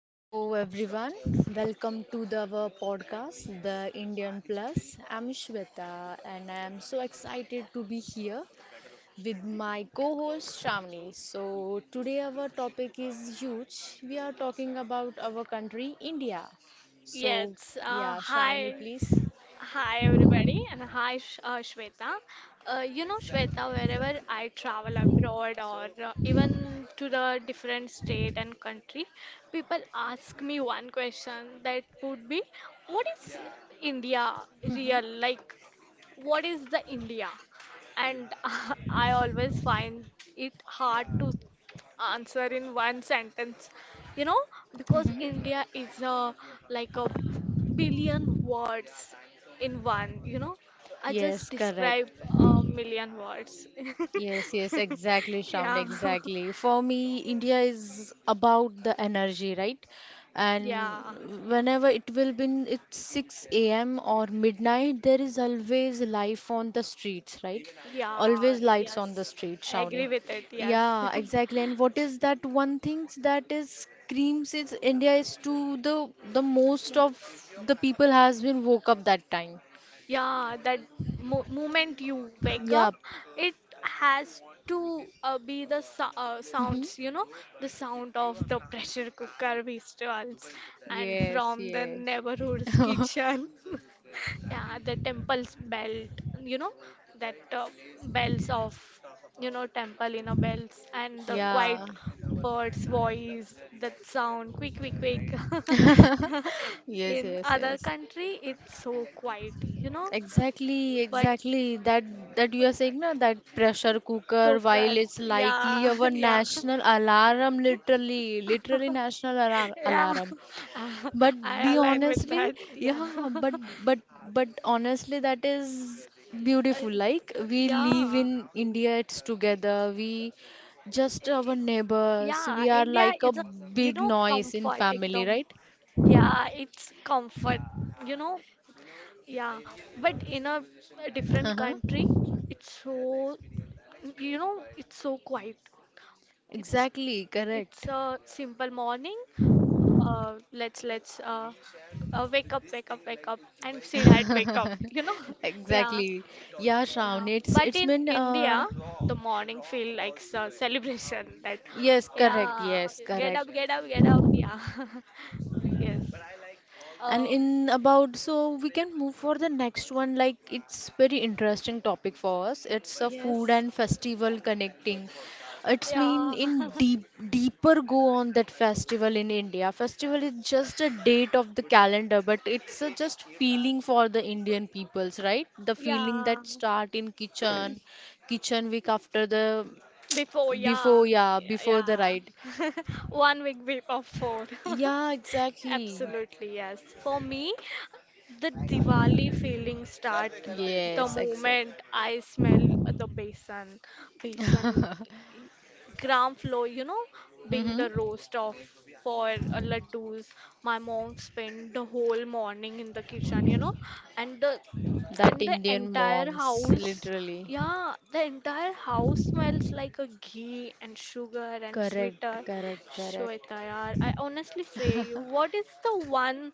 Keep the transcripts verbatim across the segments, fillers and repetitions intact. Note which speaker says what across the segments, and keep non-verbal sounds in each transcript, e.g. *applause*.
Speaker 1: Hello everyone, welcome to the our podcast, The Indian Plus. I'm Shweta and I'm so excited to be here with my co-host Shravani. So today our topic is huge. We are talking about our country, India. So
Speaker 2: Yes. Uh,
Speaker 1: yeah,
Speaker 2: hi,
Speaker 1: Shravani, please.
Speaker 2: hi everybody, and hi Sh- uh, Shweta. Uh, you know, Shweta, wherever I travel abroad or uh, even to the different state and country, people ask me one question that would be, what is India
Speaker 1: Mhm,
Speaker 2: real like? What is the India? And *laughs* I always find it hard to answer in one sentence, you know, because
Speaker 1: mhm.
Speaker 2: India is a like a billion words in one, you know. I just
Speaker 1: Yes,
Speaker 2: describe
Speaker 1: correct.
Speaker 2: a million words.
Speaker 1: Yes, yes, exactly,
Speaker 2: *laughs*
Speaker 1: Shravan, exactly. For me, India is about the energy, right?
Speaker 2: Yeah.
Speaker 1: And whenever it will be, it's
Speaker 2: Yeah.
Speaker 1: six a m or midnight, there is always life on the streets, right?
Speaker 2: Yeah,
Speaker 1: Always lights on
Speaker 2: yes.
Speaker 1: the street,
Speaker 2: I
Speaker 1: Shravani.
Speaker 2: agree with it, yes. *laughs*
Speaker 1: Yeah, exactly. And what is that one thing that is screams is India is to the the most of the people has been woke up that time.
Speaker 2: Yeah, that mo moment you wake
Speaker 1: Yeah.
Speaker 2: up, it has to uh, be the so uh,
Speaker 1: hmm
Speaker 2: sounds, you know, the sound of the pressure cooker whistles and
Speaker 1: Yes,
Speaker 2: from the
Speaker 1: yes.
Speaker 2: neighborhood's kitchen. *laughs* Yeah, the temple's belt, you know, that uh, bells of you know temple you know bells and the quiet
Speaker 1: Yeah.
Speaker 2: bird's voice that sound quick quick quick. *laughs*
Speaker 1: Yes,
Speaker 2: In
Speaker 1: yes,
Speaker 2: other
Speaker 1: yes.
Speaker 2: country it's so quiet you know
Speaker 1: Exactly,
Speaker 2: but
Speaker 1: exactly. That that you are saying na that pressure cooker, while
Speaker 2: focus,
Speaker 1: it's likely
Speaker 2: yeah,
Speaker 1: our
Speaker 2: *laughs* yeah,
Speaker 1: national alarm, literally, literally
Speaker 2: *laughs*
Speaker 1: national alar
Speaker 2: yeah,
Speaker 1: alarm. But
Speaker 2: *laughs*
Speaker 1: be
Speaker 2: I align with
Speaker 1: honestly,
Speaker 2: that. Yeah.
Speaker 1: yeah, but
Speaker 2: *laughs*
Speaker 1: but but honestly, that is beautiful.
Speaker 2: And-
Speaker 1: Like we live
Speaker 2: Yeah.
Speaker 1: in India, it's together. We just
Speaker 2: Eh,
Speaker 1: our neighbors.
Speaker 2: Yeah,
Speaker 1: We are
Speaker 2: India
Speaker 1: like a
Speaker 2: is a, you
Speaker 1: big
Speaker 2: know,
Speaker 1: noise in
Speaker 2: comforting the,
Speaker 1: family, right?
Speaker 2: yeah, it's comfort, you know, yeah. But in a, a
Speaker 1: *laughs*
Speaker 2: different
Speaker 1: Uh-huh.
Speaker 2: country, it's so, you know, it's so quiet. It's
Speaker 1: Exactly, correct.
Speaker 2: it's a simple morning. Uh, let's let's uh, uh, wake up, wake up, wake up, and Sid had wake up. You know, *laughs* yeah,
Speaker 1: Exactly. Yeah,
Speaker 2: yeah.
Speaker 1: Shravan, it's
Speaker 2: But
Speaker 1: it's
Speaker 2: in
Speaker 1: been uh
Speaker 2: India, the morning feel like a celebration. *laughs* That
Speaker 1: yes, correct,
Speaker 2: yeah,
Speaker 1: yes,
Speaker 2: get up,
Speaker 1: correct.
Speaker 2: get up, get up. Yeah, *laughs* yes.
Speaker 1: And
Speaker 2: Uh,
Speaker 1: in about so we can move for the next one, like it's very interesting topic for us. It's a food
Speaker 2: yes.
Speaker 1: and festival connecting. It's mean
Speaker 2: Yeah.
Speaker 1: in
Speaker 2: *laughs*
Speaker 1: deep deeper go on that festival in India. Festival is just a date of the calendar, but it's a just feeling for the Indian peoples, right? The feeling
Speaker 2: Yeah,
Speaker 1: that start in kitchen, kitchen week after the
Speaker 2: before, yeah,
Speaker 1: Before, yeah,
Speaker 2: yeah,
Speaker 1: before the ride.
Speaker 2: yeah. *laughs* One week before.
Speaker 1: Yeah,
Speaker 2: *laughs*
Speaker 1: exactly.
Speaker 2: Absolutely, yes. For me, the Diwali feeling start the
Speaker 1: Yes, exactly.
Speaker 2: moment I smell the besan. Besan gram flour, you know, being the
Speaker 1: Mm-hmm.
Speaker 2: roast of for uh, laddus. My mom spent the whole morning in the kitchen, you know, and the
Speaker 1: That
Speaker 2: and the
Speaker 1: Indian
Speaker 2: entire
Speaker 1: moms,
Speaker 2: house,
Speaker 1: literally.
Speaker 2: yeah, the entire house smells like a ghee and sugar and
Speaker 1: Correct,
Speaker 2: sweeter.
Speaker 1: correct, correct.
Speaker 2: Shweta, yaar, I honestly say you, what is the one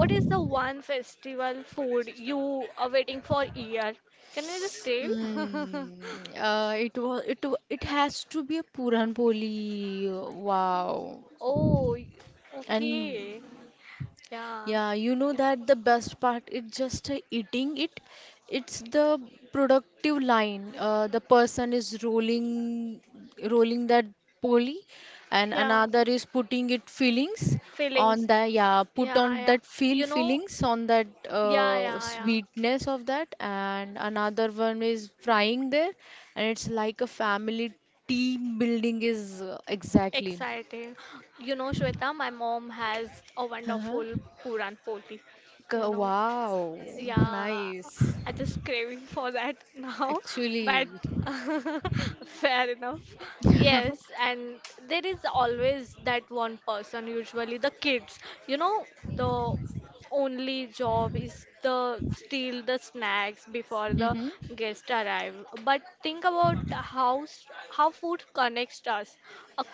Speaker 2: what is the one festival food you are waiting for year? Can you just tell? *laughs*
Speaker 1: Mm, uh, it was it wa- It has to be a Puran Poli. Wow.
Speaker 2: Oh, y-
Speaker 1: And
Speaker 2: okay. Yeah.
Speaker 1: yeah, you know that the best part is just uh, eating it. It's the productive line. Uh, the person is rolling, rolling that poly, and
Speaker 2: Yeah.
Speaker 1: another is putting it feelings
Speaker 2: Feelings.
Speaker 1: on the yeah, put
Speaker 2: Yeah,
Speaker 1: on
Speaker 2: yeah.
Speaker 1: that feel
Speaker 2: You know,
Speaker 1: feelings on that
Speaker 2: yeah,
Speaker 1: uh,
Speaker 2: yeah, yeah.
Speaker 1: sweetness of that, and another one is frying there, and it's like a family team building is uh, exactly.
Speaker 2: Exciting. You know, Shweta, my mom has a
Speaker 1: Uh-huh.
Speaker 2: wonderful Puran Poli.
Speaker 1: K-
Speaker 2: You know.
Speaker 1: Wow,
Speaker 2: Yeah,
Speaker 1: nice.
Speaker 2: I just craving for that now, *laughs*
Speaker 1: Actually,
Speaker 2: but *laughs* fair enough. Yes, and there is always that one person, usually the kids. You know, the only job is the steal the snacks before the
Speaker 1: mm-hmm,
Speaker 2: guests arrive. But think about how s- how food connects us ac-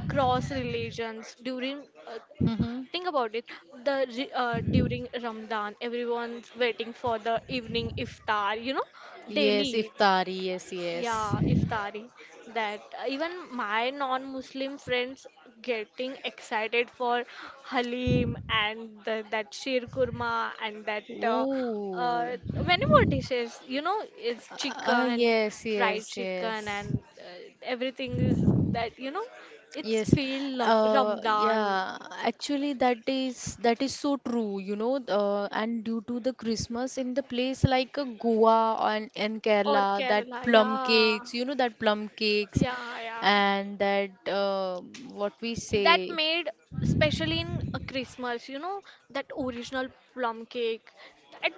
Speaker 2: across religions during uh,
Speaker 1: mm-hmm.
Speaker 2: Think about it. The re- uh, during Ramadan, everyone's waiting for the evening iftar. You know,
Speaker 1: Yes,
Speaker 2: daily,
Speaker 1: iftari, yes, yes.
Speaker 2: yeah, iftari. That uh, Even my non-Muslim friends getting excited for halim and the, that sheer kurma and that uh, uh,
Speaker 1: Ooh,
Speaker 2: many more dishes. You know, it's
Speaker 1: ah,
Speaker 2: chicken,
Speaker 1: yes,
Speaker 2: fried
Speaker 1: yes,
Speaker 2: chicken,
Speaker 1: yes,
Speaker 2: and uh, everything is that you know. It's
Speaker 1: yes.
Speaker 2: feel Lam-
Speaker 1: Uh,
Speaker 2: Ramadan.
Speaker 1: yeah. Actually, that is that is so true, you know. Uh, and due to the Christmas in the place like uh, Goa and and
Speaker 2: Or
Speaker 1: Kerala, that
Speaker 2: Kerala,
Speaker 1: plum
Speaker 2: yeah,
Speaker 1: cakes, you know, that plum cakes,
Speaker 2: yeah, yeah.
Speaker 1: and that uh, what we
Speaker 2: That
Speaker 1: say.
Speaker 2: made, especially in uh, Christmas, you know, that original plum cake, that,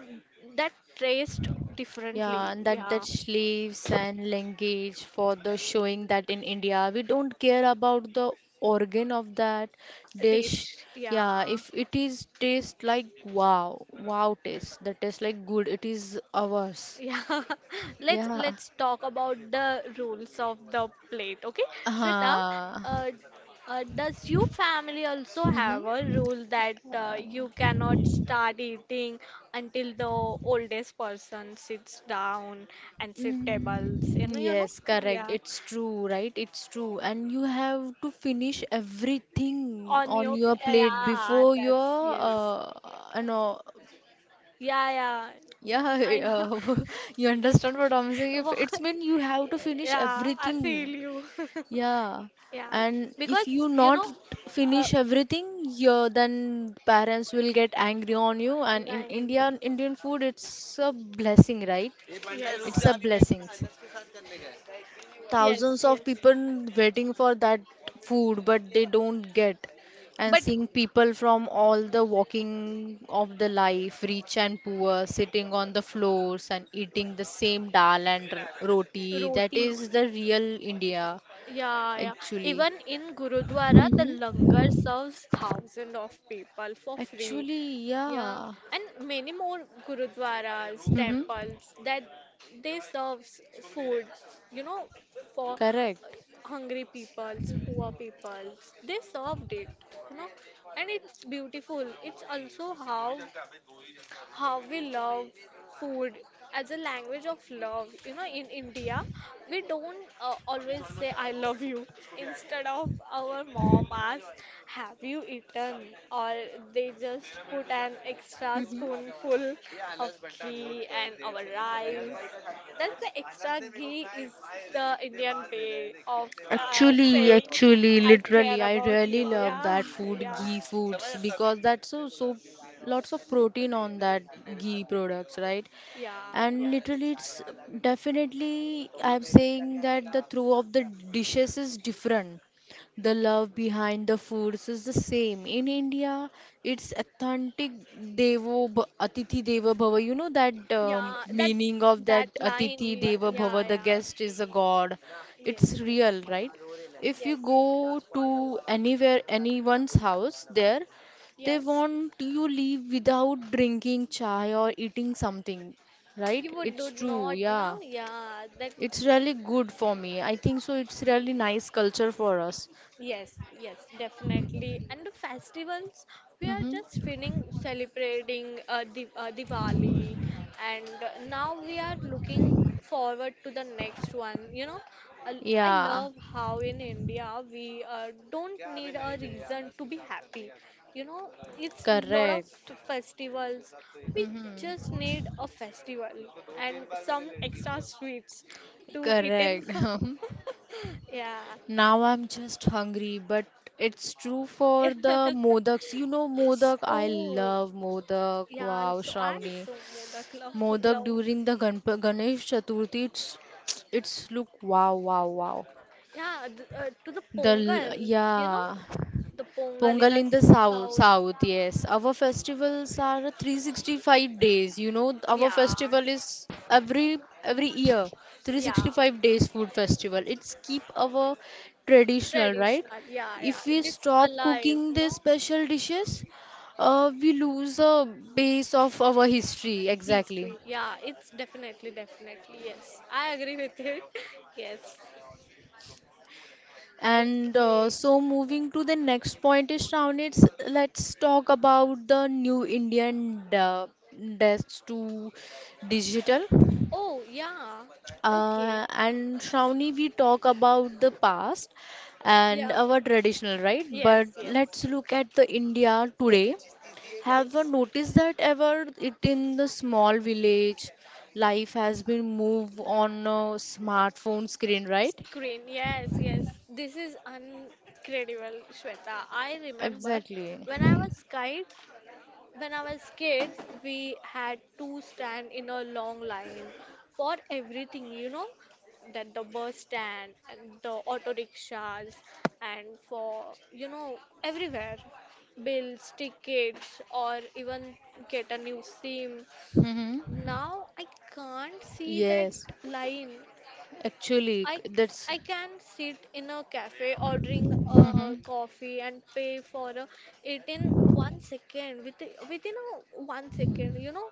Speaker 2: that taste
Speaker 1: Yeah,
Speaker 2: differently,
Speaker 1: and that that
Speaker 2: yeah.
Speaker 1: sleeves and language for the showing that in India we don't care about the organ of that dish.
Speaker 2: Dish,
Speaker 1: Yeah,
Speaker 2: yeah,
Speaker 1: if it is taste like wow, wow taste, the taste like good, it is ours.
Speaker 2: yeah. *laughs* let's
Speaker 1: Yeah.
Speaker 2: let's talk about the rules of the plate, okay? Shweta,
Speaker 1: Uh,
Speaker 2: uh, uh, does your family also have a rule that uh, you cannot start eating until the oldest person sits down and sit tables? You
Speaker 1: Mm,
Speaker 2: know, you know,
Speaker 1: Yes, correct.
Speaker 2: yeah.
Speaker 1: It's true, right? It's true. And you have to finish everything
Speaker 2: On
Speaker 1: on
Speaker 2: your,
Speaker 1: your plate
Speaker 2: yeah,
Speaker 1: before
Speaker 2: that's
Speaker 1: your
Speaker 2: yes,
Speaker 1: uh, you know
Speaker 2: yeah, yeah.
Speaker 1: yeah, I,
Speaker 2: I, *laughs*
Speaker 1: uh, *laughs* you understand what I'm saying? If
Speaker 2: Wha-
Speaker 1: it's mean you have to finish
Speaker 2: yeah, I feel
Speaker 1: everything.
Speaker 2: you. *laughs*
Speaker 1: Yeah.
Speaker 2: Yeah,
Speaker 1: And if
Speaker 2: because
Speaker 1: you
Speaker 2: you
Speaker 1: not
Speaker 2: know, uh,
Speaker 1: finish everything, yeah, then parents will get angry on you. And in
Speaker 2: I'm,
Speaker 1: India, Indian food, it's a blessing, right? It's a blessing
Speaker 2: yes, yes,
Speaker 1: thousands of
Speaker 2: yes.
Speaker 1: people waiting for that food but they don't get and
Speaker 2: But
Speaker 1: seeing people from all the walking of the life rich and poor sitting on the floors and eating the same dal and r- roti that
Speaker 2: roti,
Speaker 1: is the real india
Speaker 2: yeah, yeah.
Speaker 1: actually.
Speaker 2: Even in Gurudwara, the
Speaker 1: Mm-hmm.
Speaker 2: langar serves thousands of people for free.
Speaker 1: Actually,
Speaker 2: Yeah,
Speaker 1: yeah,
Speaker 2: and many more gurudwaras,
Speaker 1: mm-hmm,
Speaker 2: temples that they serve food, you know, for
Speaker 1: correct.
Speaker 2: hungry peoples, poor peoples. They served it, you know, and it's beautiful. It's also how how we love food as a language of love. You know, in India, we don't uh, always say I love you. Instead of our mom asks, have you eaten? Or they just put an extra spoonful of ghee and our rice. That's the extra ghee is the Indian way of uh,
Speaker 1: Actually,
Speaker 2: saying
Speaker 1: actually,
Speaker 2: I care
Speaker 1: literally, I
Speaker 2: about
Speaker 1: really
Speaker 2: you.
Speaker 1: love
Speaker 2: Yeah,
Speaker 1: that food,
Speaker 2: yeah.
Speaker 1: ghee foods, because that's so so lots of protein on that ghee products, right? And literally it's definitely I'm saying that the throw of the dishes is different, the love behind the foods is the same in india, it's authentic. Devo bh- atithi deva bhava, you know that um,
Speaker 2: Yeah, that
Speaker 1: meaning of
Speaker 2: that
Speaker 1: that
Speaker 2: line.
Speaker 1: atithi
Speaker 2: Yeah,
Speaker 1: deva
Speaker 2: yeah,
Speaker 1: bhava, the
Speaker 2: yeah.
Speaker 1: guest is a god,
Speaker 2: Yes,
Speaker 1: it's
Speaker 2: yes,
Speaker 1: real, right? If you
Speaker 2: yes,
Speaker 1: go to anywhere, anyone's house there, they
Speaker 2: yes.
Speaker 1: want you leave without drinking chai or eating something. Right?
Speaker 2: You would
Speaker 1: It's
Speaker 2: do
Speaker 1: true.
Speaker 2: not
Speaker 1: Yeah.
Speaker 2: now. Yeah, that
Speaker 1: It's really good for me. I think so. It's really nice culture for us.
Speaker 2: yes, yes, definitely. And the festivals, we are
Speaker 1: Mm-hmm.
Speaker 2: just feeling celebrating uh, Di uh, Diwali, and uh, now we are looking forward to the next one. You know, I, I
Speaker 1: Yeah.
Speaker 2: love how in India we uh, don't need a reason to be happy. You know, it's lot of
Speaker 1: Correct.
Speaker 2: f- festivals. We just need a festival and some extra sweets to eat in.
Speaker 1: Correct. *laughs*
Speaker 2: *laughs* Yeah,
Speaker 1: Now I'm just hungry, but it's true for the modaks. You
Speaker 2: *laughs*
Speaker 1: know modak. I
Speaker 2: oh,
Speaker 1: love modak.
Speaker 2: yeah,
Speaker 1: Wow,
Speaker 2: also I
Speaker 1: Shravani.
Speaker 2: also the love,
Speaker 1: Modak
Speaker 2: love.
Speaker 1: during the Ganp Ganesh Chaturthi. It's *tsk* it's look wow wow wow.
Speaker 2: Yeah, th uh, to the
Speaker 1: The l-
Speaker 2: pongal, you know,
Speaker 1: yeah.
Speaker 2: the pongal in
Speaker 1: Pongal
Speaker 2: a
Speaker 1: in the south,
Speaker 2: south.
Speaker 1: south, yes. Our festivals are three hundred sixty-five days. You know, our
Speaker 2: Yeah,
Speaker 1: festival is every every year
Speaker 2: yeah,
Speaker 1: three hundred sixty-five days food festival. It's keep our traditional, right?
Speaker 2: traditional. Yeah,
Speaker 1: If
Speaker 2: yeah,
Speaker 1: we
Speaker 2: it's
Speaker 1: stop
Speaker 2: alive,
Speaker 1: cooking the
Speaker 2: no?
Speaker 1: special dishes, uh, we lose a base of our history.
Speaker 2: History.
Speaker 1: Exactly.
Speaker 2: Yeah, it's definitely, definitely. Yes, I agree with it. *laughs* Yes.
Speaker 1: And uh,
Speaker 2: Okay.
Speaker 1: so moving to the next point is Shravani, it's let's talk about the new Indian de- desk to digital.
Speaker 2: Oh, yeah. Okay.
Speaker 1: Uh, and Shravani, we talk about the past and
Speaker 2: Yeah.
Speaker 1: our traditional, right? But
Speaker 2: Yes, yes.
Speaker 1: let's look at the India today. Have you
Speaker 2: Yes.
Speaker 1: noticed that ever it in the small village, life has been moved on a smartphone screen, right?
Speaker 2: Screen, yes, yes. This is incredible, Shweta. I remember
Speaker 1: Exactly.
Speaker 2: when I was kid, when I was kid, we had to stand in a long line for everything, you know, that the bus stand and the auto rickshaws and for, you know, everywhere, bills, tickets, or even get a new SIM.
Speaker 1: Mm-hmm.
Speaker 2: Now I can't see that
Speaker 1: Yes.
Speaker 2: line.
Speaker 1: Actually,
Speaker 2: I,
Speaker 1: c-
Speaker 2: c-
Speaker 1: that's
Speaker 2: I can sit in a cafe ordering a
Speaker 1: mhm.
Speaker 2: coffee and pay for a, it in one second, with within a one second, you know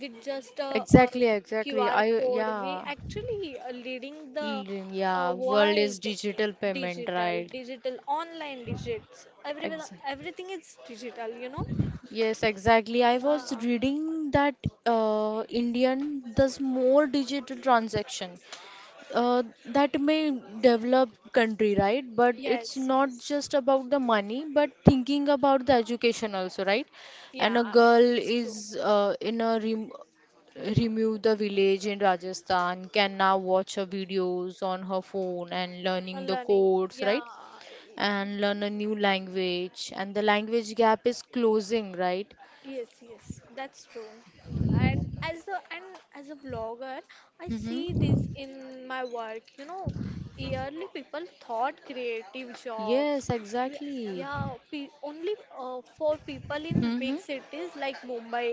Speaker 2: with just a,
Speaker 1: Exactly, exactly.
Speaker 2: Q R
Speaker 1: I
Speaker 2: code. We
Speaker 1: yeah,
Speaker 2: actually are leading the
Speaker 1: L-
Speaker 2: uh,
Speaker 1: yeah. World
Speaker 2: world,
Speaker 1: is
Speaker 2: eh,
Speaker 1: digital payment,
Speaker 2: digital
Speaker 1: right?
Speaker 2: digital online, digits, everyone
Speaker 1: Ex
Speaker 2: everything is digital, you know
Speaker 1: yes, exactly. I was
Speaker 2: yeah,
Speaker 1: reading that uh, Indian does more digital transaction uh, that may develop country, right? But it's
Speaker 2: yes,
Speaker 1: not
Speaker 2: yes,
Speaker 1: just about the money but thinking about the education also, right? And
Speaker 2: yeah,
Speaker 1: a girl
Speaker 2: it's true.
Speaker 1: is uh, in a rem- remove the village in rajasthan can now watch her videos on her phone and
Speaker 2: Uh,
Speaker 1: learning the
Speaker 2: learning,
Speaker 1: codes,
Speaker 2: yeah.
Speaker 1: right? And learn a new language and the language gap is closing, right?
Speaker 2: Yes, yes, that's true. And as a and as a vlogger, I see
Speaker 1: Mm-hmm.
Speaker 2: this in my work. You know, yearly people thought creative jobs.
Speaker 1: Yes,
Speaker 2: we-
Speaker 1: exactly.
Speaker 2: Yeah, pe only uh, for people in
Speaker 1: Mm-hmm.
Speaker 2: big cities like Mumbai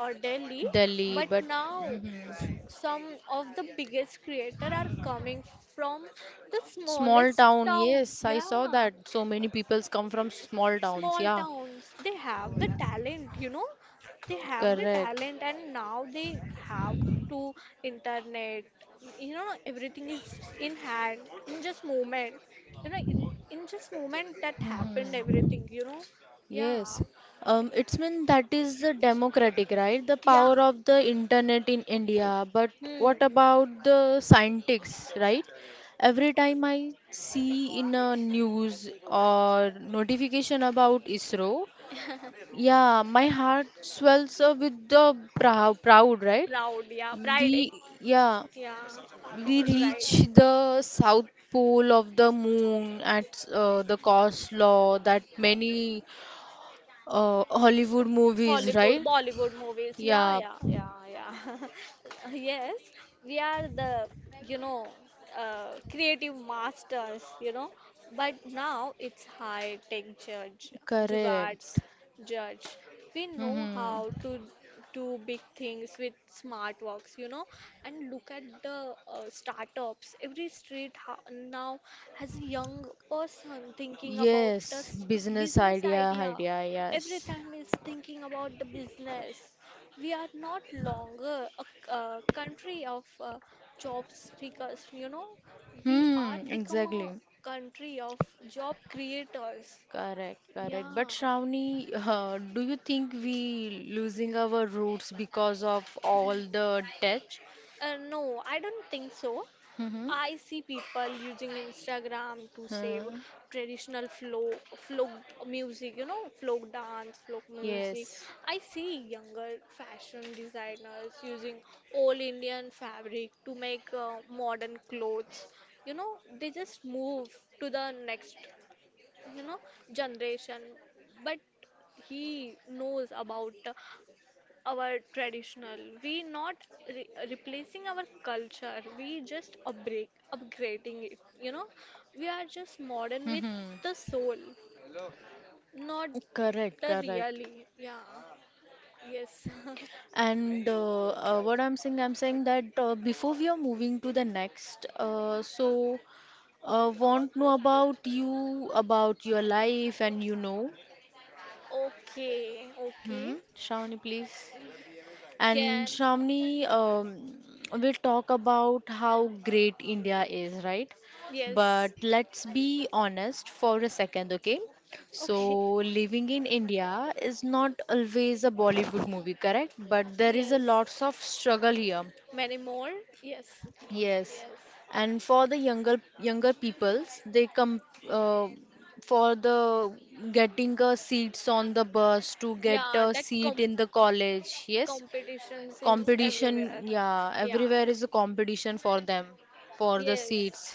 Speaker 2: or Delhi.
Speaker 1: Delhi
Speaker 2: But
Speaker 1: but
Speaker 2: now,
Speaker 1: mm-hmm.
Speaker 2: some of the biggest creator are coming from the
Speaker 1: Small
Speaker 2: smallest
Speaker 1: town,
Speaker 2: town.
Speaker 1: yes, I saw
Speaker 2: Yeah,
Speaker 1: that. So many peoples come from small towns.
Speaker 2: small
Speaker 1: Yeah,
Speaker 2: towns, they have the talent you know they have the
Speaker 1: correct.
Speaker 2: talent, and now they have to internet. You know everything is in hand in just moment. you know in, in just moment that happened everything. you know yeah,
Speaker 1: Yes. Um, it's mean that is the democratic, right? The
Speaker 2: yeah,
Speaker 1: power of the internet in India. But what
Speaker 2: hmm,
Speaker 1: about the scientists, right? Every time I see in a news or notification about ISRO, yeah, my heart swells uh, with the prou proud, right?
Speaker 2: proud, yeah, pride,
Speaker 1: We,
Speaker 2: ex-
Speaker 1: yeah.
Speaker 2: yeah, it's
Speaker 1: We
Speaker 2: a pride.
Speaker 1: reach the south pole of the moon at uh, the cost law that many uh, Hollywood movies,
Speaker 2: Hollywood,
Speaker 1: right?
Speaker 2: Bollywood movies. Yeah,
Speaker 1: Yeah,
Speaker 2: yeah, yeah, yeah. *laughs* Yes, we are the, you know, uh, creative masters, you know. But now it's high tech judge,
Speaker 1: correct.
Speaker 2: jugards judge. We know how
Speaker 1: Mm-hmm.
Speaker 2: to do big things with smart works, you know. And look at the uh, startups. Every street ha now has a young person thinking about a
Speaker 1: Yes,
Speaker 2: s-
Speaker 1: business
Speaker 2: business
Speaker 1: idea,
Speaker 2: idea.
Speaker 1: idea,
Speaker 2: Every
Speaker 1: yes.
Speaker 2: time is thinking about the business. We are not longer a, c- a country of uh, job seekers, you know. We are
Speaker 1: Hmm,
Speaker 2: become a
Speaker 1: exactly.
Speaker 2: country of job creators.
Speaker 1: Correct, correct. But
Speaker 2: Yeah.
Speaker 1: Shravani, uh, do you think we losing our roots because of all the tech?
Speaker 2: Uh, no, I don't think so.
Speaker 1: Mm-hmm.
Speaker 2: I see people using Instagram to save
Speaker 1: Uh,
Speaker 2: traditional flow, folk music, you know, folk dance, folk music.
Speaker 1: yes.
Speaker 2: I see younger fashion designers using all Indian fabric to make uh, modern clothes. You know, they just move to the next, you know, generation. But he knows about uh, our traditional. We not re- replacing our culture. We just upgrade, upgrading it. You know, we are just modern
Speaker 1: *laughs*
Speaker 2: with
Speaker 1: hmm,
Speaker 2: the soul, not
Speaker 1: correct,
Speaker 2: the
Speaker 1: correct.
Speaker 2: really. Yeah. Yes. *laughs*
Speaker 1: And uh, uh, what I'm saying, I'm saying that uh, before we are moving to the next, uh, so uh, want know about you, about your life, and you know.
Speaker 2: Okay. Okay.
Speaker 1: Hmm, Shravani, please. And
Speaker 2: Can.
Speaker 1: Shramni um, we talk about how great India is, right?
Speaker 2: Yes.
Speaker 1: But let's be honest for a second, okay?
Speaker 2: Okay.
Speaker 1: So, living in India is not always a Bollywood movie, correct? But there is a
Speaker 2: Yes.
Speaker 1: lots of struggle here.
Speaker 2: Many more. Yes.
Speaker 1: Yes.
Speaker 2: Yes.
Speaker 1: And for the younger younger peoples, they come uh, for the getting a seats on the bus to get
Speaker 2: Yeah.
Speaker 1: a
Speaker 2: That
Speaker 1: seat
Speaker 2: com-
Speaker 1: in the college. Yes,
Speaker 2: competitions is
Speaker 1: competition
Speaker 2: everywhere.
Speaker 1: yeah
Speaker 2: Yeah.
Speaker 1: everywhere is a competition for them for the seats
Speaker 2: Yes.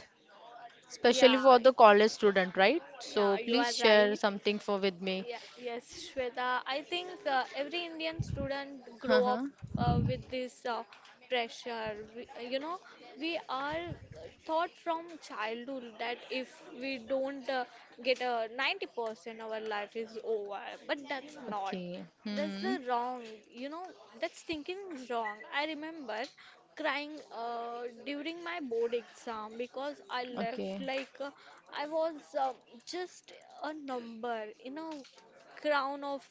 Speaker 1: especially
Speaker 2: Yeah.
Speaker 1: for the college student, right? So
Speaker 2: Yeah, you are
Speaker 1: please share
Speaker 2: right.
Speaker 1: something for with me.
Speaker 2: Yeah, yes, Shweta. I think uh, every Indian student grow up
Speaker 1: Uh-huh.
Speaker 2: uh, with this uh, pressure. We, uh, you know, we are taught from childhood that if we don't uh, get a ninety percent, our life is over. But that's not.
Speaker 1: Okay.
Speaker 2: That's
Speaker 1: Hmm,
Speaker 2: the wrong. You know, that's thinking is wrong. I remember crying uh, during my board exam because I left
Speaker 1: okay.
Speaker 2: like uh, I was um, just a number in a crown of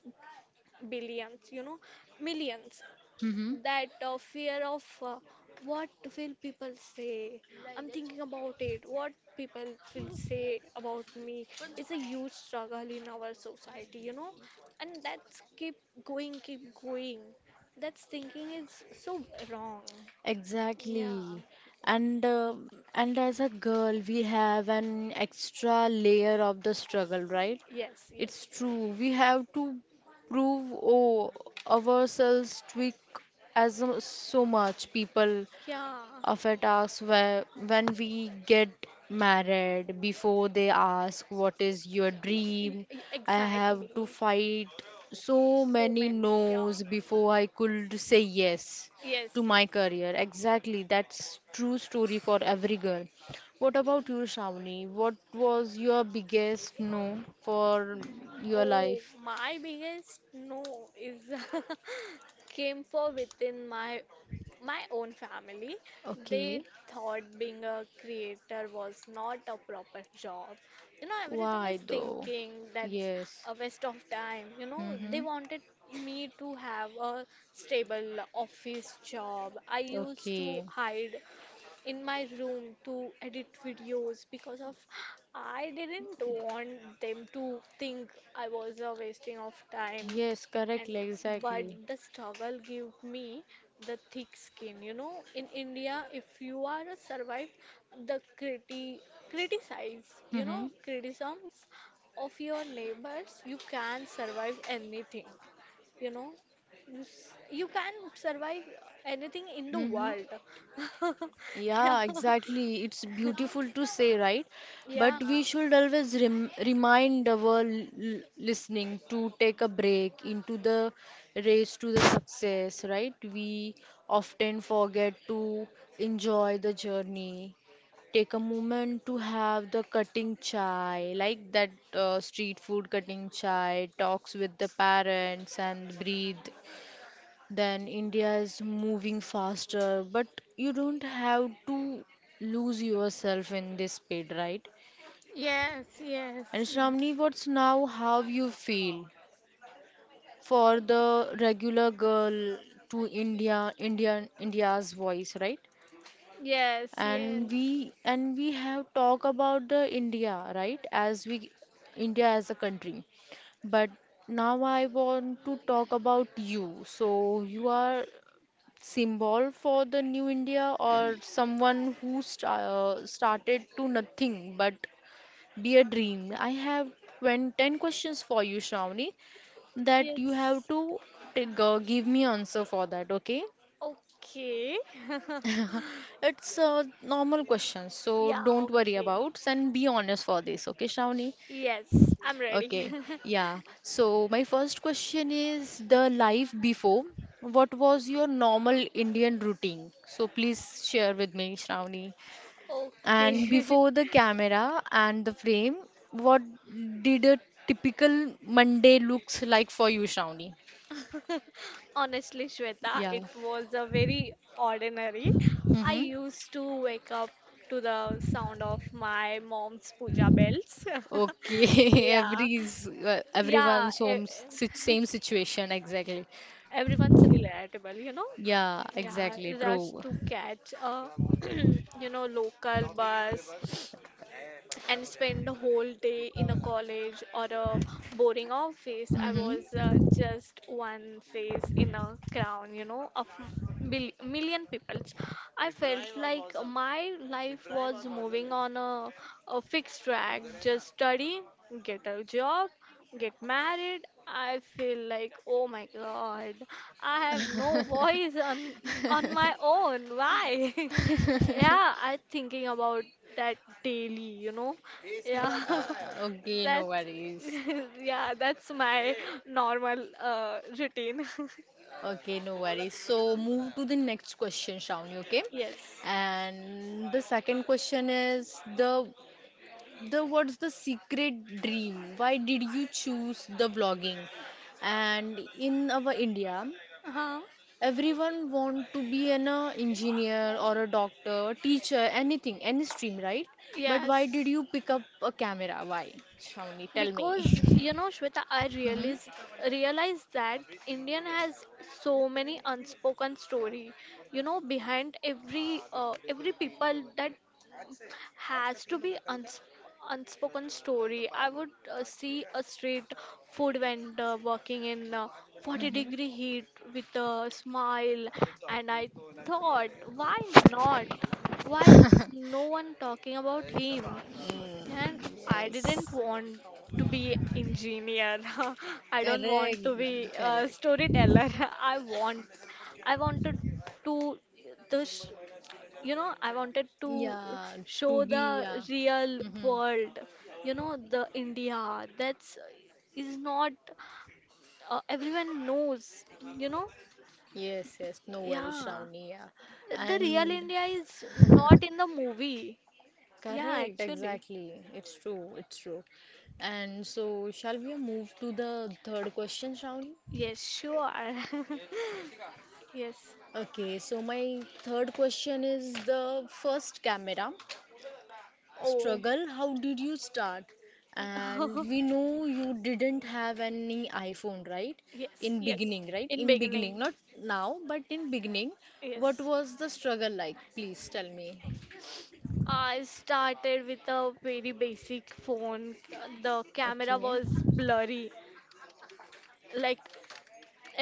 Speaker 2: billions, you know, millions.
Speaker 1: Mm-hmm.
Speaker 2: That uh, fear of uh, what will people say? I'm thinking about it. What people will say about me is a huge struggle in our society, you know. And that's keep going, keep going. That's thinking is so wrong. Yeah.
Speaker 1: Exactly. And uh, and as a girl, we have an extra layer of the struggle, right?
Speaker 2: Yes,
Speaker 1: It's
Speaker 2: yes.
Speaker 1: true. We have to prove oh, ourselves tweak as a- so much people
Speaker 2: Yeah.
Speaker 1: of a task where, when we get married before they ask what is your
Speaker 2: E- e-
Speaker 1: dream.
Speaker 2: e-
Speaker 1: I have to
Speaker 2: Exactly.
Speaker 1: fight so
Speaker 2: So
Speaker 1: many
Speaker 2: many, yeah.
Speaker 1: no's before I could say yes
Speaker 2: Yes,
Speaker 1: to my
Speaker 2: yes.
Speaker 1: career, exactly, that's true story for every girl. What about you Shravani, what was your biggest no for your
Speaker 2: Oh,
Speaker 1: life?
Speaker 2: my biggest no is *laughs* came for within my my own family. They
Speaker 1: Okay.
Speaker 2: thought being a creator was not a proper job. You know, everything is
Speaker 1: Why though?
Speaker 2: thinking that's
Speaker 1: Yes,
Speaker 2: a waste of time. You know, they
Speaker 1: mm-hmm.
Speaker 2: wanted me to have a stable office job. I used to
Speaker 1: Okay.
Speaker 2: hide in my room to edit videos because of I didn't want them to think I was a wasting of time,
Speaker 1: Yes,
Speaker 2: and
Speaker 1: correctly,
Speaker 2: but
Speaker 1: exactly.
Speaker 2: the struggle gave me the thick skin. You know in India, if you are a survive the criti criticize, you
Speaker 1: Hmm.
Speaker 2: know criticisms of your neighbors, you can survive anything. you know you s- you can survive anything in the
Speaker 1: Hmm.
Speaker 2: world. *laughs*
Speaker 1: Yeah, exactly. It's beautiful to say, right? But
Speaker 2: Yeah,
Speaker 1: we
Speaker 2: *laughs* yeah.
Speaker 1: should always rem remind our l l- listening to take a break into the race to the success, right? We often forget to enjoy the journey. Take a moment to have the cutting chai, like that uh, street food cutting chai, talks with the parents and breathe. Then India is moving faster, but you don't have to lose yourself in this speed, right?
Speaker 2: Yes, yes,
Speaker 1: And
Speaker 2: yes.
Speaker 1: Shramni, what's now how you feel for the regular girl to India, Indian India's voice, right?
Speaker 2: Yes,
Speaker 1: And
Speaker 2: yes.
Speaker 1: we and we have talked about the India, right? As we India as a country. But now I want to talk about you. So you are symbol for the new India or someone who sta uh, started to nothing but be a dream? I have twenty, ten questions for you, Shravani, that you have
Speaker 2: Yes,
Speaker 1: to take, uh, give me answer for that, okay?
Speaker 2: okay. *laughs*
Speaker 1: It's a normal question, so
Speaker 2: Yeah,
Speaker 1: don't worry
Speaker 2: okay,
Speaker 1: about and be honest for this, okay, Shravani?
Speaker 2: yes, I'm ready.
Speaker 1: Okay, yeah. So my first question is the life before. What was your normal Indian routine? So please share with me, Shravani.
Speaker 2: *laughs*
Speaker 1: And
Speaker 2: Okay.
Speaker 1: before the camera and the frame, what did a typical Monday looks like for you, Shravani?
Speaker 2: *laughs* Honestly, Shweta,
Speaker 1: Yeah.
Speaker 2: it was a very ordinary. I
Speaker 1: Mm-hmm.
Speaker 2: used to wake up to the sound of my mom's puja bells. *laughs*
Speaker 1: Okay. *laughs*
Speaker 2: Yeah,
Speaker 1: Every's uh,
Speaker 2: yeah,
Speaker 1: everyone's
Speaker 2: e-
Speaker 1: home si
Speaker 2: e-,
Speaker 1: same situation exactly.
Speaker 2: everyone's relatable, you know.
Speaker 1: Yeah,
Speaker 2: Yeah,
Speaker 1: exactly.
Speaker 2: rush
Speaker 1: True.
Speaker 2: to catch a, *clears throat* you know, local bus. And spend the whole day in a college or a boring office. I was
Speaker 1: Mm-hmm.
Speaker 2: uh, just one face in a crown, you know, of mil- million peoples. I felt like my life was moving on a, a fixed track. Just study, get a job, get married. I feel like, oh my God, I have no voice on on my own. Why? *laughs* Yeah, I thinking about that daily, you know. Yeah, *laughs*
Speaker 1: Okay, no
Speaker 2: that's
Speaker 1: worries.
Speaker 2: *laughs* yeah, that's my normal uh, routine.
Speaker 1: Okay, no worries. So move to the next question, Shravani, okay?
Speaker 2: *laughs* Yes.
Speaker 1: And the second question is the the what's the secret dream? Why did you choose the vlogging? And in our India,
Speaker 2: Huh?
Speaker 1: everyone want to be an uh, engineer or a doctor, a teacher, anything, any stream, right? But why did
Speaker 2: Yes.
Speaker 1: you pick up a camera? Why? Shawnee, tell me.
Speaker 2: Because
Speaker 1: *laughs*
Speaker 2: you know, Shweta, I
Speaker 1: hmm
Speaker 2: realize realize that Indian has so many unspoken story. You know, behind every uh, every people that has to be uns unspoken story. I would uh, see a street food vendor working in uh, 40
Speaker 1: hmm
Speaker 2: degree heat with a smile, and I thought, why not? Why is no one talking about him? And I didn't
Speaker 1: Yes,
Speaker 2: want to be engineer. *laughs* I don't want
Speaker 1: correct,
Speaker 2: to be a
Speaker 1: correct.
Speaker 2: storyteller. *laughs* I want I wanted to the sh- you know i wanted to
Speaker 1: Yeah, to
Speaker 2: show
Speaker 1: be,
Speaker 2: the
Speaker 1: yeah.
Speaker 2: real
Speaker 1: hmm
Speaker 2: world, you know the india that's, is not, uh, everyone knows, you know.
Speaker 1: Yes, yes, no worries,
Speaker 2: Yeah,
Speaker 1: Shravani. Yeah,
Speaker 2: the real
Speaker 1: and
Speaker 2: India is not in the movie. Yeah,
Speaker 1: correct,
Speaker 2: actually.
Speaker 1: exactly. It's true, it's true. And so, shall we move to the third question round?
Speaker 2: Yes, sure. *laughs* Yes.
Speaker 1: Okay, so my third question is the first camera.
Speaker 2: Oh.
Speaker 1: Struggle, how did you start? And
Speaker 2: *laughs*
Speaker 1: we know you didn't have any iPhone, right?
Speaker 2: Yes,
Speaker 1: In
Speaker 2: yes.
Speaker 1: beginning, right?
Speaker 2: In
Speaker 1: In beginning,
Speaker 2: beginning.
Speaker 1: not now, but in beginning, what
Speaker 2: Yes.
Speaker 1: was the struggle like? Please tell me.
Speaker 2: I started with a very basic phone. The camera
Speaker 1: Okay.
Speaker 2: was blurry, like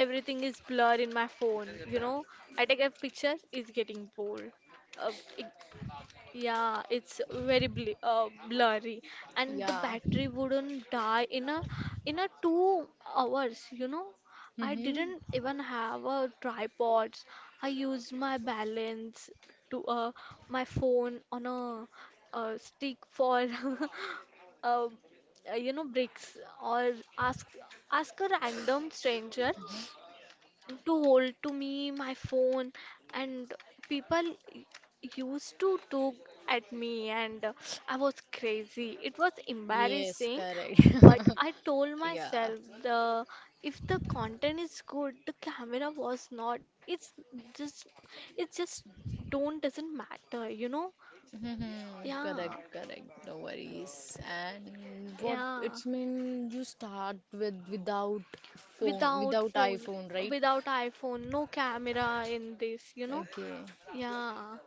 Speaker 2: everything is blur in my phone, you know i take a picture, it's getting bored, uh, it- yeah, it's very bl uh, blurry. And the
Speaker 1: Yeah.
Speaker 2: battery wouldn't die in a in a two hours, you know. I
Speaker 1: Mm-hmm.
Speaker 2: didn't even have a tripods. I used my balance to, uh, my phone on a, uh, stick for *laughs* uh, uh, you know bricks, or ask ask a random stranger to hold to me my phone. And people y- used to look at me, and uh, I was crazy, it was
Speaker 1: Yes,
Speaker 2: embarrassing.
Speaker 1: correct.
Speaker 2: But I told
Speaker 1: *laughs* Yeah.
Speaker 2: myself, the if the content is good, the camera was not, it's just it just don't doesn't matter, you know.
Speaker 1: hmm
Speaker 2: Yeah,
Speaker 1: Correct, correct. No worries. And what
Speaker 2: yeah,
Speaker 1: it's mean you start with without phone,
Speaker 2: without
Speaker 1: without
Speaker 2: phone,
Speaker 1: iPhone, right?
Speaker 2: without iPhone, no camera in this, you know.
Speaker 1: Okay.
Speaker 2: Yeah,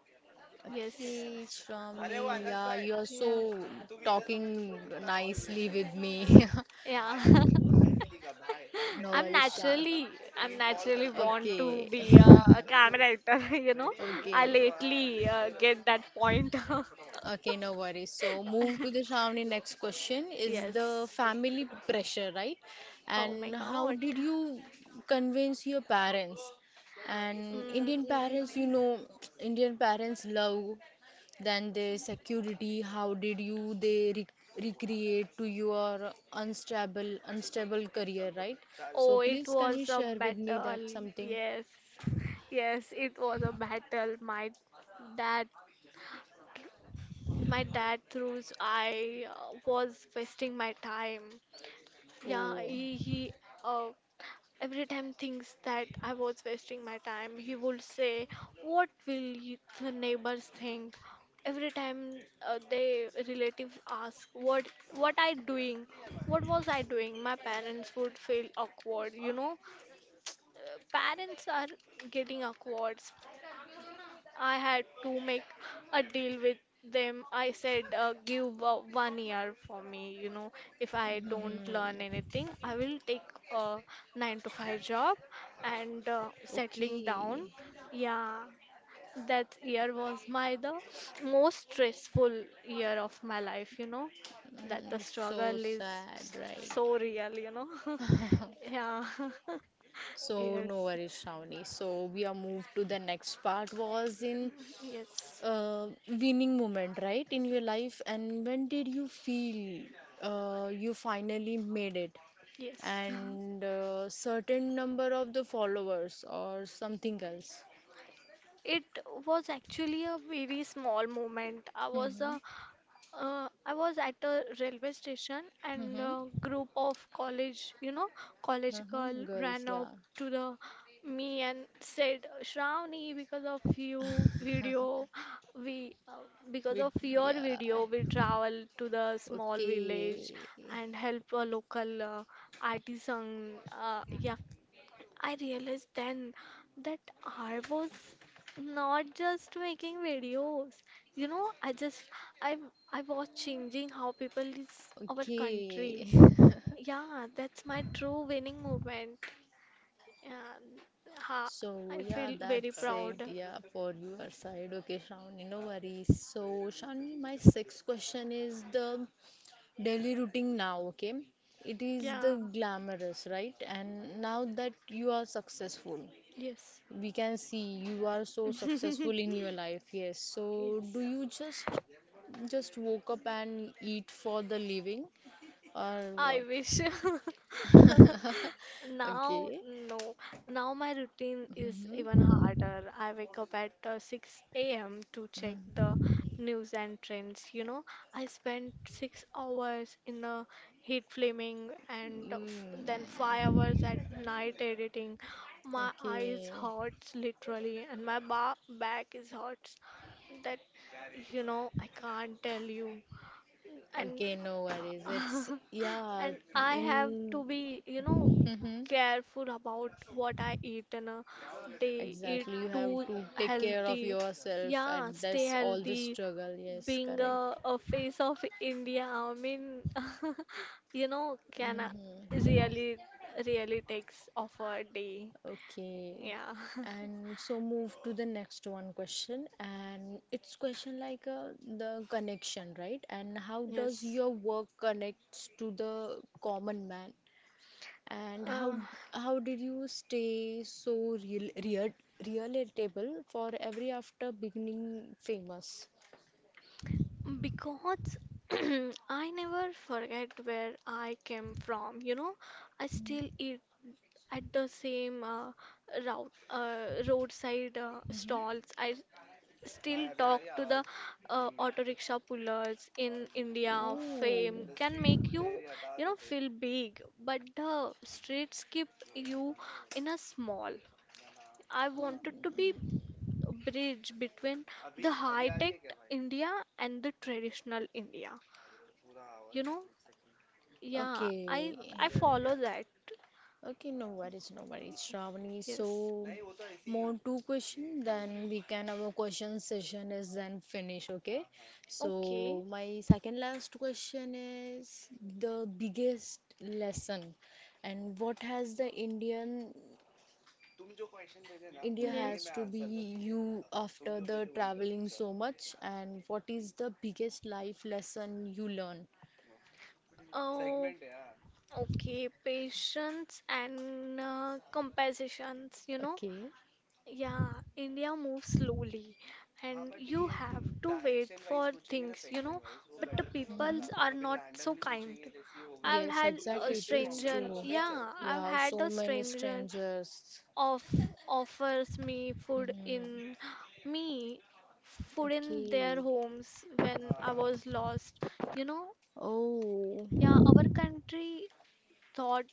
Speaker 2: yes,
Speaker 1: Okay, Shravani, yeah, you are
Speaker 2: yeah.
Speaker 1: so talking nicely with me. *laughs*
Speaker 2: Yeah. *laughs*
Speaker 1: No
Speaker 2: I'm
Speaker 1: worries, Shra.
Speaker 2: naturally, I'm naturally want to
Speaker 1: Okay.
Speaker 2: be a,
Speaker 1: *laughs*
Speaker 2: a camera actor, *laughs* you know. I
Speaker 1: Okay.
Speaker 2: lately uh, get that point. *laughs*
Speaker 1: Okay, no worries. So move to the Shravani next question is the
Speaker 2: Yes.
Speaker 1: family pressure, right?
Speaker 2: Oh my
Speaker 1: And how
Speaker 2: God.
Speaker 1: did you convince your parents? And
Speaker 2: Mm,
Speaker 1: Indian parents, you
Speaker 2: mm.
Speaker 1: know, *tsk* Indian parents love than the security. How did you they re recreate to your unstable unstable career, right? So
Speaker 2: Oh, it
Speaker 1: please can you
Speaker 2: was a
Speaker 1: share with me that
Speaker 2: battle.
Speaker 1: something?
Speaker 2: Yes. Yes, it was a battle. My dad, my dad through I uh, was wasting my time. Yeah,
Speaker 1: Oh,
Speaker 2: he he uh, every time thinks that I was wasting my time, he would say, "What will y- the neighbors think?" Every time, uh, they relatives ask, "What what I doing? What was I doing?" My parents would feel awkward. You know, Uh, parents are getting awkward. I had to make a deal with them. I said, uh, give uh, one year for me. You know, if
Speaker 1: *laughs*
Speaker 2: I don't learn
Speaker 1: mhm.
Speaker 2: anything, I will take a nine to five job and uh, settling down.
Speaker 1: Okay.
Speaker 2: Yeah, that year was my the most stressful year of my life. You know, that the
Speaker 1: Mm, so
Speaker 2: struggle is
Speaker 1: sad,
Speaker 2: s-
Speaker 1: right?
Speaker 2: so real. You know, *laughs* yeah. *laughs*
Speaker 1: So no
Speaker 2: Yes.
Speaker 1: worries, Shravani. So we are moved to the next part was in
Speaker 2: Yes,
Speaker 1: uh, winning moment, right, in your life, and when did you feel uh, you finally made it,
Speaker 2: yes.
Speaker 1: and uh, certain number of the followers or something else.
Speaker 2: It was actually a very small moment. I was
Speaker 1: Mm-hmm.
Speaker 2: uh, uh, I was at a railway station, and
Speaker 1: Mm-hmm.
Speaker 2: a group of college, you know, college
Speaker 1: Mm-hmm.
Speaker 2: girl
Speaker 1: Girls,
Speaker 2: ran up
Speaker 1: yeah.
Speaker 2: to the me and said, Shravani, because of you video, we uh, because
Speaker 1: With
Speaker 2: of your
Speaker 1: yeah.
Speaker 2: video, we travel to the small village
Speaker 1: Okay.
Speaker 2: and help a local uh, artisan, uh, yeah. I realized then that I was not just making videos. You know, I just I I was changing how people is our country.
Speaker 1: Okay. *laughs*
Speaker 2: Yeah, that's my true winning moment. Yeah, ha,
Speaker 1: So
Speaker 2: I
Speaker 1: yeah,
Speaker 2: feel very
Speaker 1: that's it.
Speaker 2: proud.
Speaker 1: Yeah, for your side. Okay, Shravani, no worries. So Shravani, my sixth question is the daily routine now. Okay, it is the
Speaker 2: Yeah,
Speaker 1: glamorous, right? And now that you are successful,
Speaker 2: yes.
Speaker 1: we can see you are so successful
Speaker 2: *laughs*
Speaker 1: in your life. Yes. So do
Speaker 2: Yes.
Speaker 1: you just just woke up and eat for the living or
Speaker 2: I
Speaker 1: what?
Speaker 2: wish. *laughs* Now,
Speaker 1: Okay.
Speaker 2: no. Now my routine is even
Speaker 1: Mm-hmm.
Speaker 2: harder. I wake up at uh, six a m to check the news and trends. You know, I spend six hours in the heat flaming, and uh, f then five hours at night editing. My eyes
Speaker 1: Okay.
Speaker 2: hurts literally, and my ba back is hurts. That, you know, I can't tell you. And
Speaker 1: Okay, no worries. It's
Speaker 2: *laughs*
Speaker 1: yeah,
Speaker 2: And I have
Speaker 1: in
Speaker 2: to be, you know,
Speaker 1: hmm
Speaker 2: careful about what I eat in a day. Eat
Speaker 1: exactly. You have
Speaker 2: too
Speaker 1: to take care of
Speaker 2: healthy.
Speaker 1: yourself at
Speaker 2: Yeah, stay
Speaker 1: this all this
Speaker 2: healthy.
Speaker 1: struggle. Yes,
Speaker 2: Being
Speaker 1: correct.
Speaker 2: a, a face of India, I mean, *laughs* you know, can I
Speaker 1: Mm-hmm.
Speaker 2: really, really takes off a day.
Speaker 1: Okay.
Speaker 2: Yeah. *laughs*
Speaker 1: And so move to the next one question, and it's question like uh, the connection, right? And how does
Speaker 2: Yes.
Speaker 1: your work connects to the common man? And
Speaker 2: Uh,
Speaker 1: how how did you stay so real, real relatable for every after beginning famous?
Speaker 2: because *clears throat* I never forget where I came from, you know. I still eat at the same uh, route, uh, roadside uh, stalls. I still talk to the uh, auto rickshaw pullers in India. Fame
Speaker 1: Ooh,
Speaker 2: can make you, you know, feel big, but the streets keep you in a small. I wanted to be a bridge between the high tech India and the traditional India. You know, yeah, I
Speaker 1: okay,
Speaker 2: I follow that.
Speaker 1: okay, no worries, no worries, Shravani. So,
Speaker 2: Yes.
Speaker 1: more two questions, then we can our question session is then finish, okay? So,
Speaker 2: Okay.
Speaker 1: my second last question is the biggest lesson, and what has the Indian India
Speaker 2: Yes. Yes.
Speaker 1: has to be you after the traveling so much, and what is the biggest life lesson you learn?
Speaker 2: Oh, segment, okay. Patience and uh, compensations, you know.
Speaker 1: Okay.
Speaker 2: Yeah, India moves slowly, हाँ, and you have तुम to wait for things, you know. वो, but the
Speaker 1: hmm
Speaker 2: peoples हूँ, are not so kind. I've
Speaker 1: Yes,
Speaker 2: had तुम जो a भेजते format
Speaker 1: exactly. It, it's
Speaker 2: stranger. Format
Speaker 1: true.
Speaker 2: उसमें yeah, yeah, I've
Speaker 1: Yeah,
Speaker 2: had
Speaker 1: so
Speaker 2: a
Speaker 1: many
Speaker 2: stranger
Speaker 1: strangers.
Speaker 2: of offers me food
Speaker 1: Mhm.
Speaker 2: in me food in their
Speaker 1: Okay.
Speaker 2: homes when I was lost. You know,
Speaker 1: Oh,
Speaker 2: yeah, our country thought,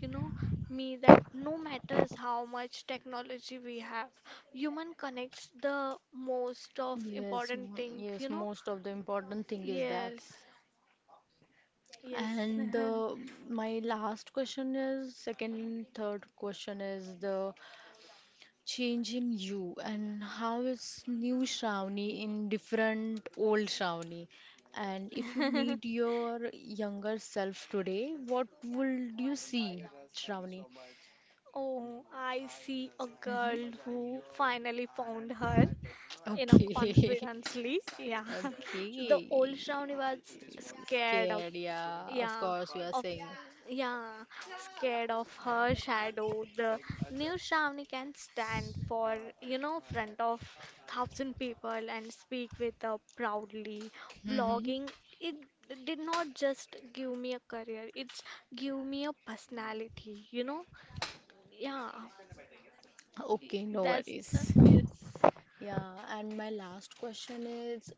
Speaker 2: you know, me that no matters how much technology we have, human connects the most of
Speaker 1: yes,
Speaker 2: important
Speaker 1: m-
Speaker 2: thing,
Speaker 1: yes.
Speaker 2: you know?
Speaker 1: Most of the important thing is that.
Speaker 2: Yes, yes.
Speaker 1: And uh, my last question is, second, third question is the change in you and how is new Shravani in different old Shravani? And if you meet
Speaker 2: *laughs*
Speaker 1: your younger self today, what would you see, Shravani?
Speaker 2: Oh, I see a
Speaker 1: hmm
Speaker 2: girl who finally found her in a
Speaker 1: Okay.
Speaker 2: confidently. Yeah.
Speaker 1: *laughs*
Speaker 2: The old
Speaker 1: Okay.
Speaker 2: Shravani was scared of,
Speaker 1: Scared, yeah. Of
Speaker 2: yeah,
Speaker 1: course, you are
Speaker 2: of,
Speaker 1: saying.
Speaker 2: yeah, scared of her shadow. The new Shravani can stand for, you know, front of thousand people and speak with a proudly.
Speaker 1: hmm
Speaker 2: Vlogging, it did not just give me a career, it's give me a personality, you know? Yeah,
Speaker 1: Okay, no
Speaker 2: that's the,
Speaker 1: worries.
Speaker 2: yes.
Speaker 1: Yeah, and my last question is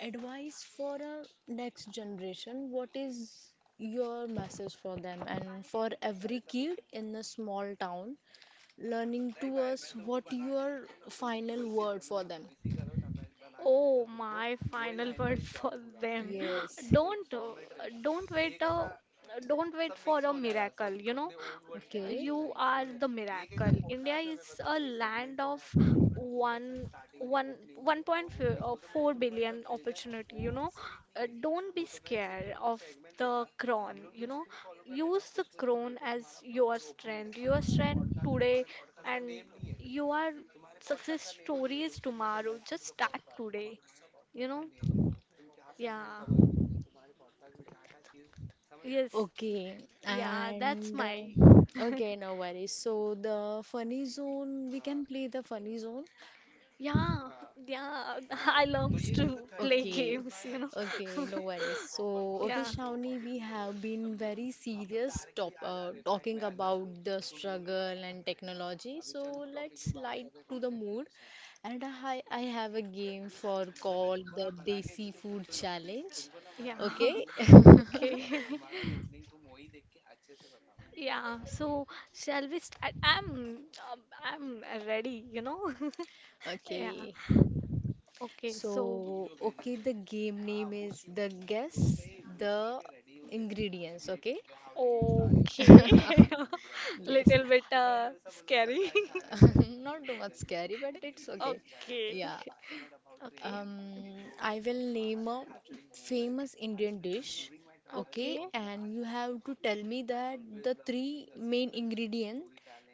Speaker 1: advice for our next generation. What is your message for them and for every kid in a small town learning to us? What your final word for them?
Speaker 2: Oh, my final word for them.
Speaker 1: Yes.
Speaker 2: Don't uh, don't wait uh, don't wait for a miracle, you know.
Speaker 1: Okay.
Speaker 2: You are the miracle. India is a land of one one one point four billion opportunity, you know. Uh, don't be scared of the crown, you know. Use the crown as your strength. Your strength today, and you are success stories tomorrow. Just start today. You know? Yeah. Yes.
Speaker 1: Okay,
Speaker 2: Yeah. That's
Speaker 1: and uh,
Speaker 2: my.
Speaker 1: okay, no worries. So the funny zone, we can play the funny zone.
Speaker 2: Yeah. Yeah. *laughs* I love to play
Speaker 1: Okay,
Speaker 2: games. You know?
Speaker 1: okay, no worries. So, okay,
Speaker 2: Yeah.
Speaker 1: Shawnee, we have been very serious top, uh, talking about the struggle and technology. So, let's light to the mood. And I, I have a game for called the Desi Food Challenge.
Speaker 2: Yeah. *laughs*
Speaker 1: Okay, *laughs*
Speaker 2: Okay. *laughs* Yeah. So shall we start? I'm. um, I'm ready. You know? *laughs* Yeah.
Speaker 1: okay.
Speaker 2: Okay. So.
Speaker 1: So, okay, the game name is the guess the ingredients. Okay,
Speaker 2: you *laughs*
Speaker 1: yes,
Speaker 2: bit
Speaker 1: *laughs*
Speaker 2: *laughs*
Speaker 1: not too much scary, but it's okay. Yeah, Um, I will name a famous Indian dish, okay? And you have to tell me that the three main ingredient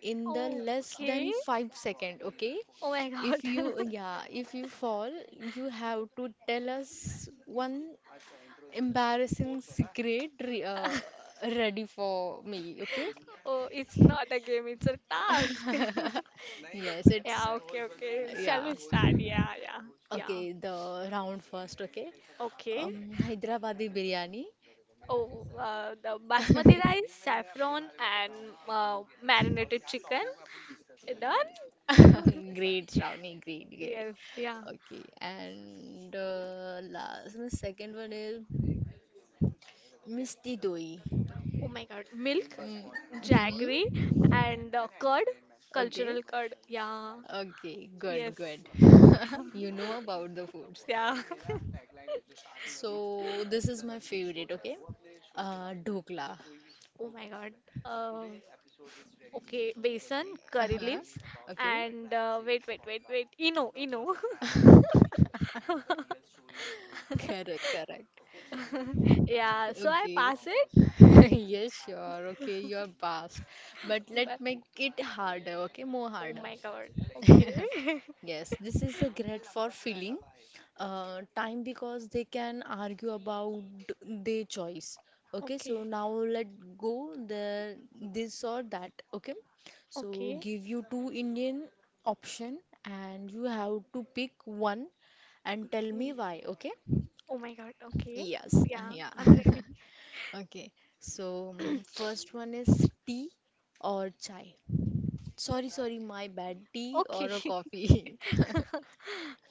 Speaker 1: in the less than five second, okay?
Speaker 2: my God.
Speaker 1: If you,
Speaker 2: *laughs*
Speaker 1: yeah, if you fall, you have to tell us one embarrassing secret re uh, ready for me, okay?
Speaker 2: Oh, it's not a game, it's a task. *laughs*
Speaker 1: Yes, it's,
Speaker 2: Yeah, okay, okay. Shall
Speaker 1: yeah.
Speaker 2: we start? Yeah, yeah, yeah.
Speaker 1: Okay, the round first, okay?
Speaker 2: Okay.
Speaker 1: Um, Hyderabadi biryani.
Speaker 2: Oh, uh, the basmati rice, saffron, and uh, marinated chicken. Done?
Speaker 1: *laughs* Great, Shravani, great, great.
Speaker 2: Yes, yeah.
Speaker 1: Okay, and uh, last, the second one is Misti Doi.
Speaker 2: Oh my God, milk, jaggery, and uh, curd,
Speaker 1: Okay,
Speaker 2: cultural curd. Yeah,
Speaker 1: okay, good,
Speaker 2: yes.
Speaker 1: good. *laughs*
Speaker 2: *laughs*
Speaker 1: You know about the foods.
Speaker 2: Yeah. *laughs*
Speaker 1: So, this is my favorite, okay? Uh, Dhokla,
Speaker 2: Oh my God. Um, okay, besan, curry leaves,
Speaker 1: okay?
Speaker 2: and uh, wait, wait, wait, wait. Eno, Eno.
Speaker 1: *laughs*
Speaker 2: *laughs*
Speaker 1: Correct, correct.
Speaker 2: *laughs* Yeah, so I
Speaker 1: Okay.
Speaker 2: pass it.
Speaker 1: *laughs* Yes, sure. Okay, you're past. But let
Speaker 2: But
Speaker 1: make it harder, okay? More
Speaker 2: oh
Speaker 1: harder.
Speaker 2: my God. Okay. *laughs*
Speaker 1: Yes, this is a great for filling uh, time because they can argue about their choice. Okay, so
Speaker 2: Okay.
Speaker 1: now let go the this or that. Okay, so
Speaker 2: Okay.
Speaker 1: give you two Indian option and you have to pick one and tell me
Speaker 2: Okay.
Speaker 1: why. Okay,
Speaker 2: Oh my God. Okay.
Speaker 1: yes, *laughs*
Speaker 2: Yeah,
Speaker 1: yeah. *laughs*
Speaker 2: I'm ready.
Speaker 1: Okay, so mm, first one is tea or chai. Sorry, sorry, my bad. Tea or a
Speaker 2: Okay.
Speaker 1: coffee.
Speaker 2: *laughs*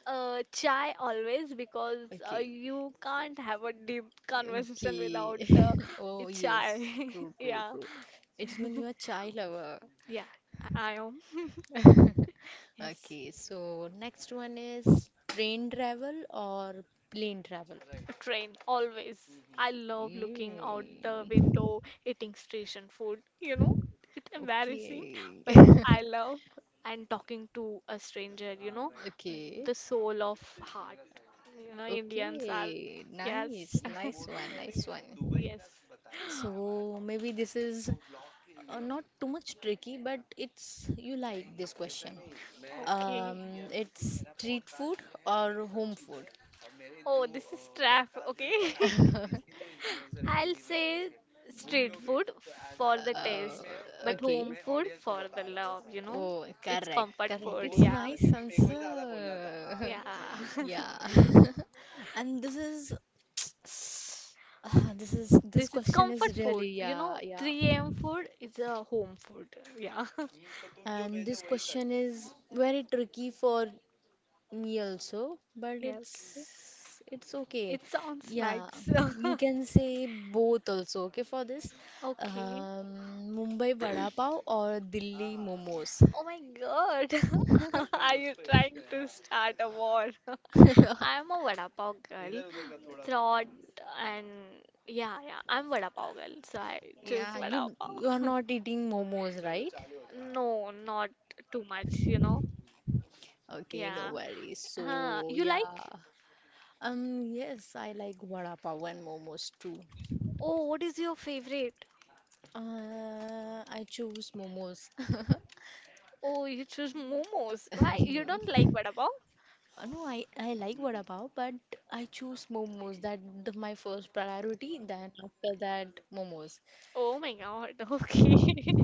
Speaker 2: uh, Chai always, because
Speaker 1: *laughs*
Speaker 2: uh,
Speaker 1: Okay.
Speaker 2: you can't have a deep conversation
Speaker 1: Okay.
Speaker 2: without uh,
Speaker 1: *laughs* Oh,
Speaker 2: chai.
Speaker 1: yes. True,
Speaker 2: *laughs*
Speaker 1: true,
Speaker 2: Yeah.
Speaker 1: true. It means you're a child lover.
Speaker 2: Yeah. I I am. Yes.
Speaker 1: Okay, so next one is train travel or plane travel?
Speaker 2: Right. Train always. I love looking out the
Speaker 1: Mm.
Speaker 2: window, eating station food. You know, it's embarrassing,
Speaker 1: Okay.
Speaker 2: but
Speaker 1: *laughs*
Speaker 2: I love and talking to a stranger. You know, right,
Speaker 1: Okay.
Speaker 2: the soul of heart. सही, you know, Indians are.
Speaker 1: Okay.
Speaker 2: Yes.
Speaker 1: Nice.
Speaker 2: *laughs*
Speaker 1: Nice one. Nice one.
Speaker 2: *laughs* Yes.
Speaker 1: So maybe this is uh, not too much tricky, but it's you like this question. Um, it's street food or home food?
Speaker 2: *laughs* *laughs* के वो food तो
Speaker 1: Okay.
Speaker 2: the सब, know?
Speaker 1: Oh,
Speaker 2: It's
Speaker 1: correct,
Speaker 2: comfort.
Speaker 1: correct. It's nice answer. *laughs*
Speaker 2: *laughs* ऐसा
Speaker 1: Yeah. *laughs* And this is *sighs* ah, this is this
Speaker 2: This is
Speaker 1: question is
Speaker 2: comfort food.
Speaker 1: really
Speaker 2: You
Speaker 1: yeah,
Speaker 2: know,
Speaker 1: yeah.
Speaker 2: three a m food is a home food. Yeah. *laughs*
Speaker 1: And this question is very tricky for me also, but
Speaker 2: Yeah, okay.
Speaker 1: it's it's okay.
Speaker 2: It sounds
Speaker 1: Yeah.
Speaker 2: nice. *laughs*
Speaker 1: You can say both also, okay, for this.
Speaker 2: Okay.
Speaker 1: Um, Mumbai Vada Pav or Delhi Momos.
Speaker 2: Oh my God. *laughs* Are you trying to start a war? I'm a vada pav girl. Thought and yeah, yeah. I'm vada pav girl, so I choose
Speaker 1: Yeah,
Speaker 2: vada
Speaker 1: you you are
Speaker 2: pav. *laughs*
Speaker 1: not eating momos, right?
Speaker 2: No, not too much, you know.
Speaker 1: Okay, no
Speaker 2: Yeah.
Speaker 1: worries.
Speaker 2: Huh.
Speaker 1: So,
Speaker 2: You
Speaker 1: yeah.
Speaker 2: like?
Speaker 1: Um, yes, I like vada pav and momos too.
Speaker 2: Oh, what is your favorite?
Speaker 1: Uh, I choose momos. *laughs*
Speaker 2: Oh, you choose momos. Why? You don't like vada pav?
Speaker 1: Uh, no, I, I like vada pav, but I choose momos. That the, my first priority. Then after that, momos.
Speaker 2: Oh my God. *laughs* Okay. *laughs*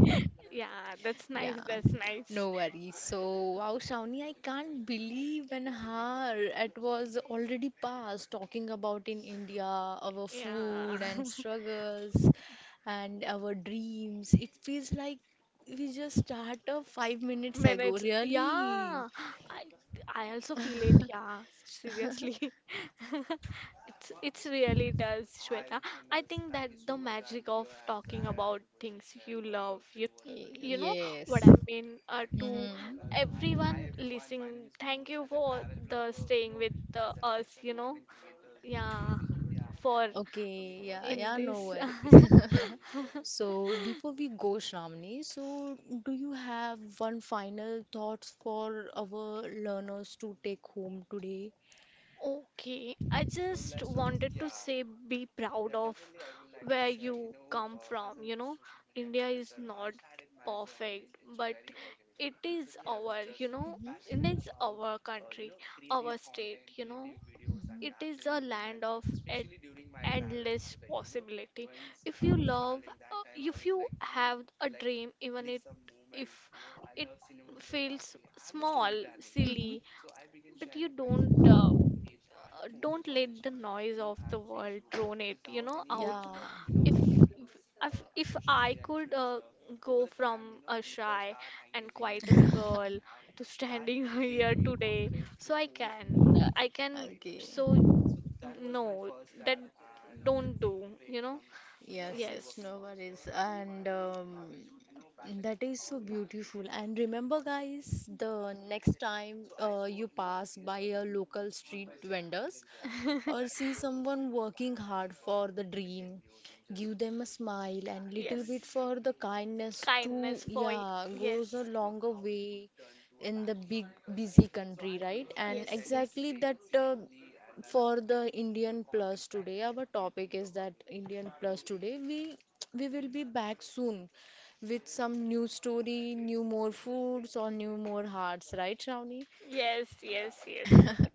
Speaker 2: Yeah, that's nice.
Speaker 1: Yeah,
Speaker 2: That's
Speaker 1: no
Speaker 2: nice.
Speaker 1: worries. So, wow, Shawnee, I can't believe and her it was already past talking about in India our food and
Speaker 2: Yeah. *laughs*
Speaker 1: struggles and our dreams. It feels like we just started five minutes ago.
Speaker 2: Minutes.
Speaker 1: Really?
Speaker 2: Yeah. I I also feel it. Yeah. Seriously. *laughs* It's it's really does, Shweta. I think that the magic of talking about things you love, you
Speaker 1: Y-
Speaker 2: you know what
Speaker 1: Yes.
Speaker 2: I mean. Uh, to
Speaker 1: Mm-hmm.
Speaker 2: everyone listening, thank you for the staying with uh, us. You know, yeah, for
Speaker 1: Okay, yeah,
Speaker 2: in
Speaker 1: yeah, no
Speaker 2: this.
Speaker 1: worry. *laughs*
Speaker 2: *laughs*
Speaker 1: So before we go, Shramni, so do you have one final thoughts for our learners to take home today?
Speaker 2: Okay, I just wanted to say, be proud of where you come from. You know, India is not perfect, but it is our, you know, India is our country, our state, you know. It is a land of e- endless possibility. If you love, uh, if you have a dream, even it, if it feels small,
Speaker 1: hmm
Speaker 2: silly, but you don't uh, uh, don't let the noise of the world drone it, you know out.
Speaker 1: Yeah.
Speaker 2: If if, if I could uh, go from a shy and quiet a girl to standing *laughs* here today, so i can uh, i can
Speaker 1: Okay.
Speaker 2: so no that don't do, you know.
Speaker 1: Yes, yes,
Speaker 2: Yes.
Speaker 1: no worries. And um, that is so beautiful. And remember, guys, the next time uh, you pass by a local street vendors, or see someone working hard for the dream give them a smile and
Speaker 2: *laughs*
Speaker 1: little
Speaker 2: yes.
Speaker 1: bit for the kindness to
Speaker 2: Kindness for y-
Speaker 1: yeah
Speaker 2: yes.
Speaker 1: goes a longer way in the big busy country right and
Speaker 2: Yes, yes.
Speaker 1: exactly that uh, for the Indian plus today our topic is that Indian plus today we we will be back soon with some new story new more foods or new more hearts right Shravani
Speaker 2: Yes, yes, yes.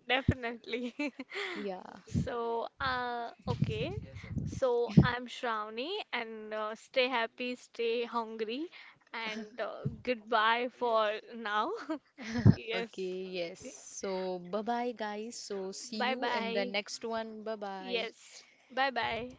Speaker 2: Definitely. *laughs*
Speaker 1: yeah.
Speaker 2: So, uh, okay. So, I'm Shravani, and uh, stay happy, stay hungry, and uh, goodbye for now. *laughs* Yes.
Speaker 1: Okay, yes. So, bye bye, guys. So, see
Speaker 2: Bye
Speaker 1: you in the
Speaker 2: bye.
Speaker 1: next one. Bye bye.
Speaker 2: Yes. Bye bye.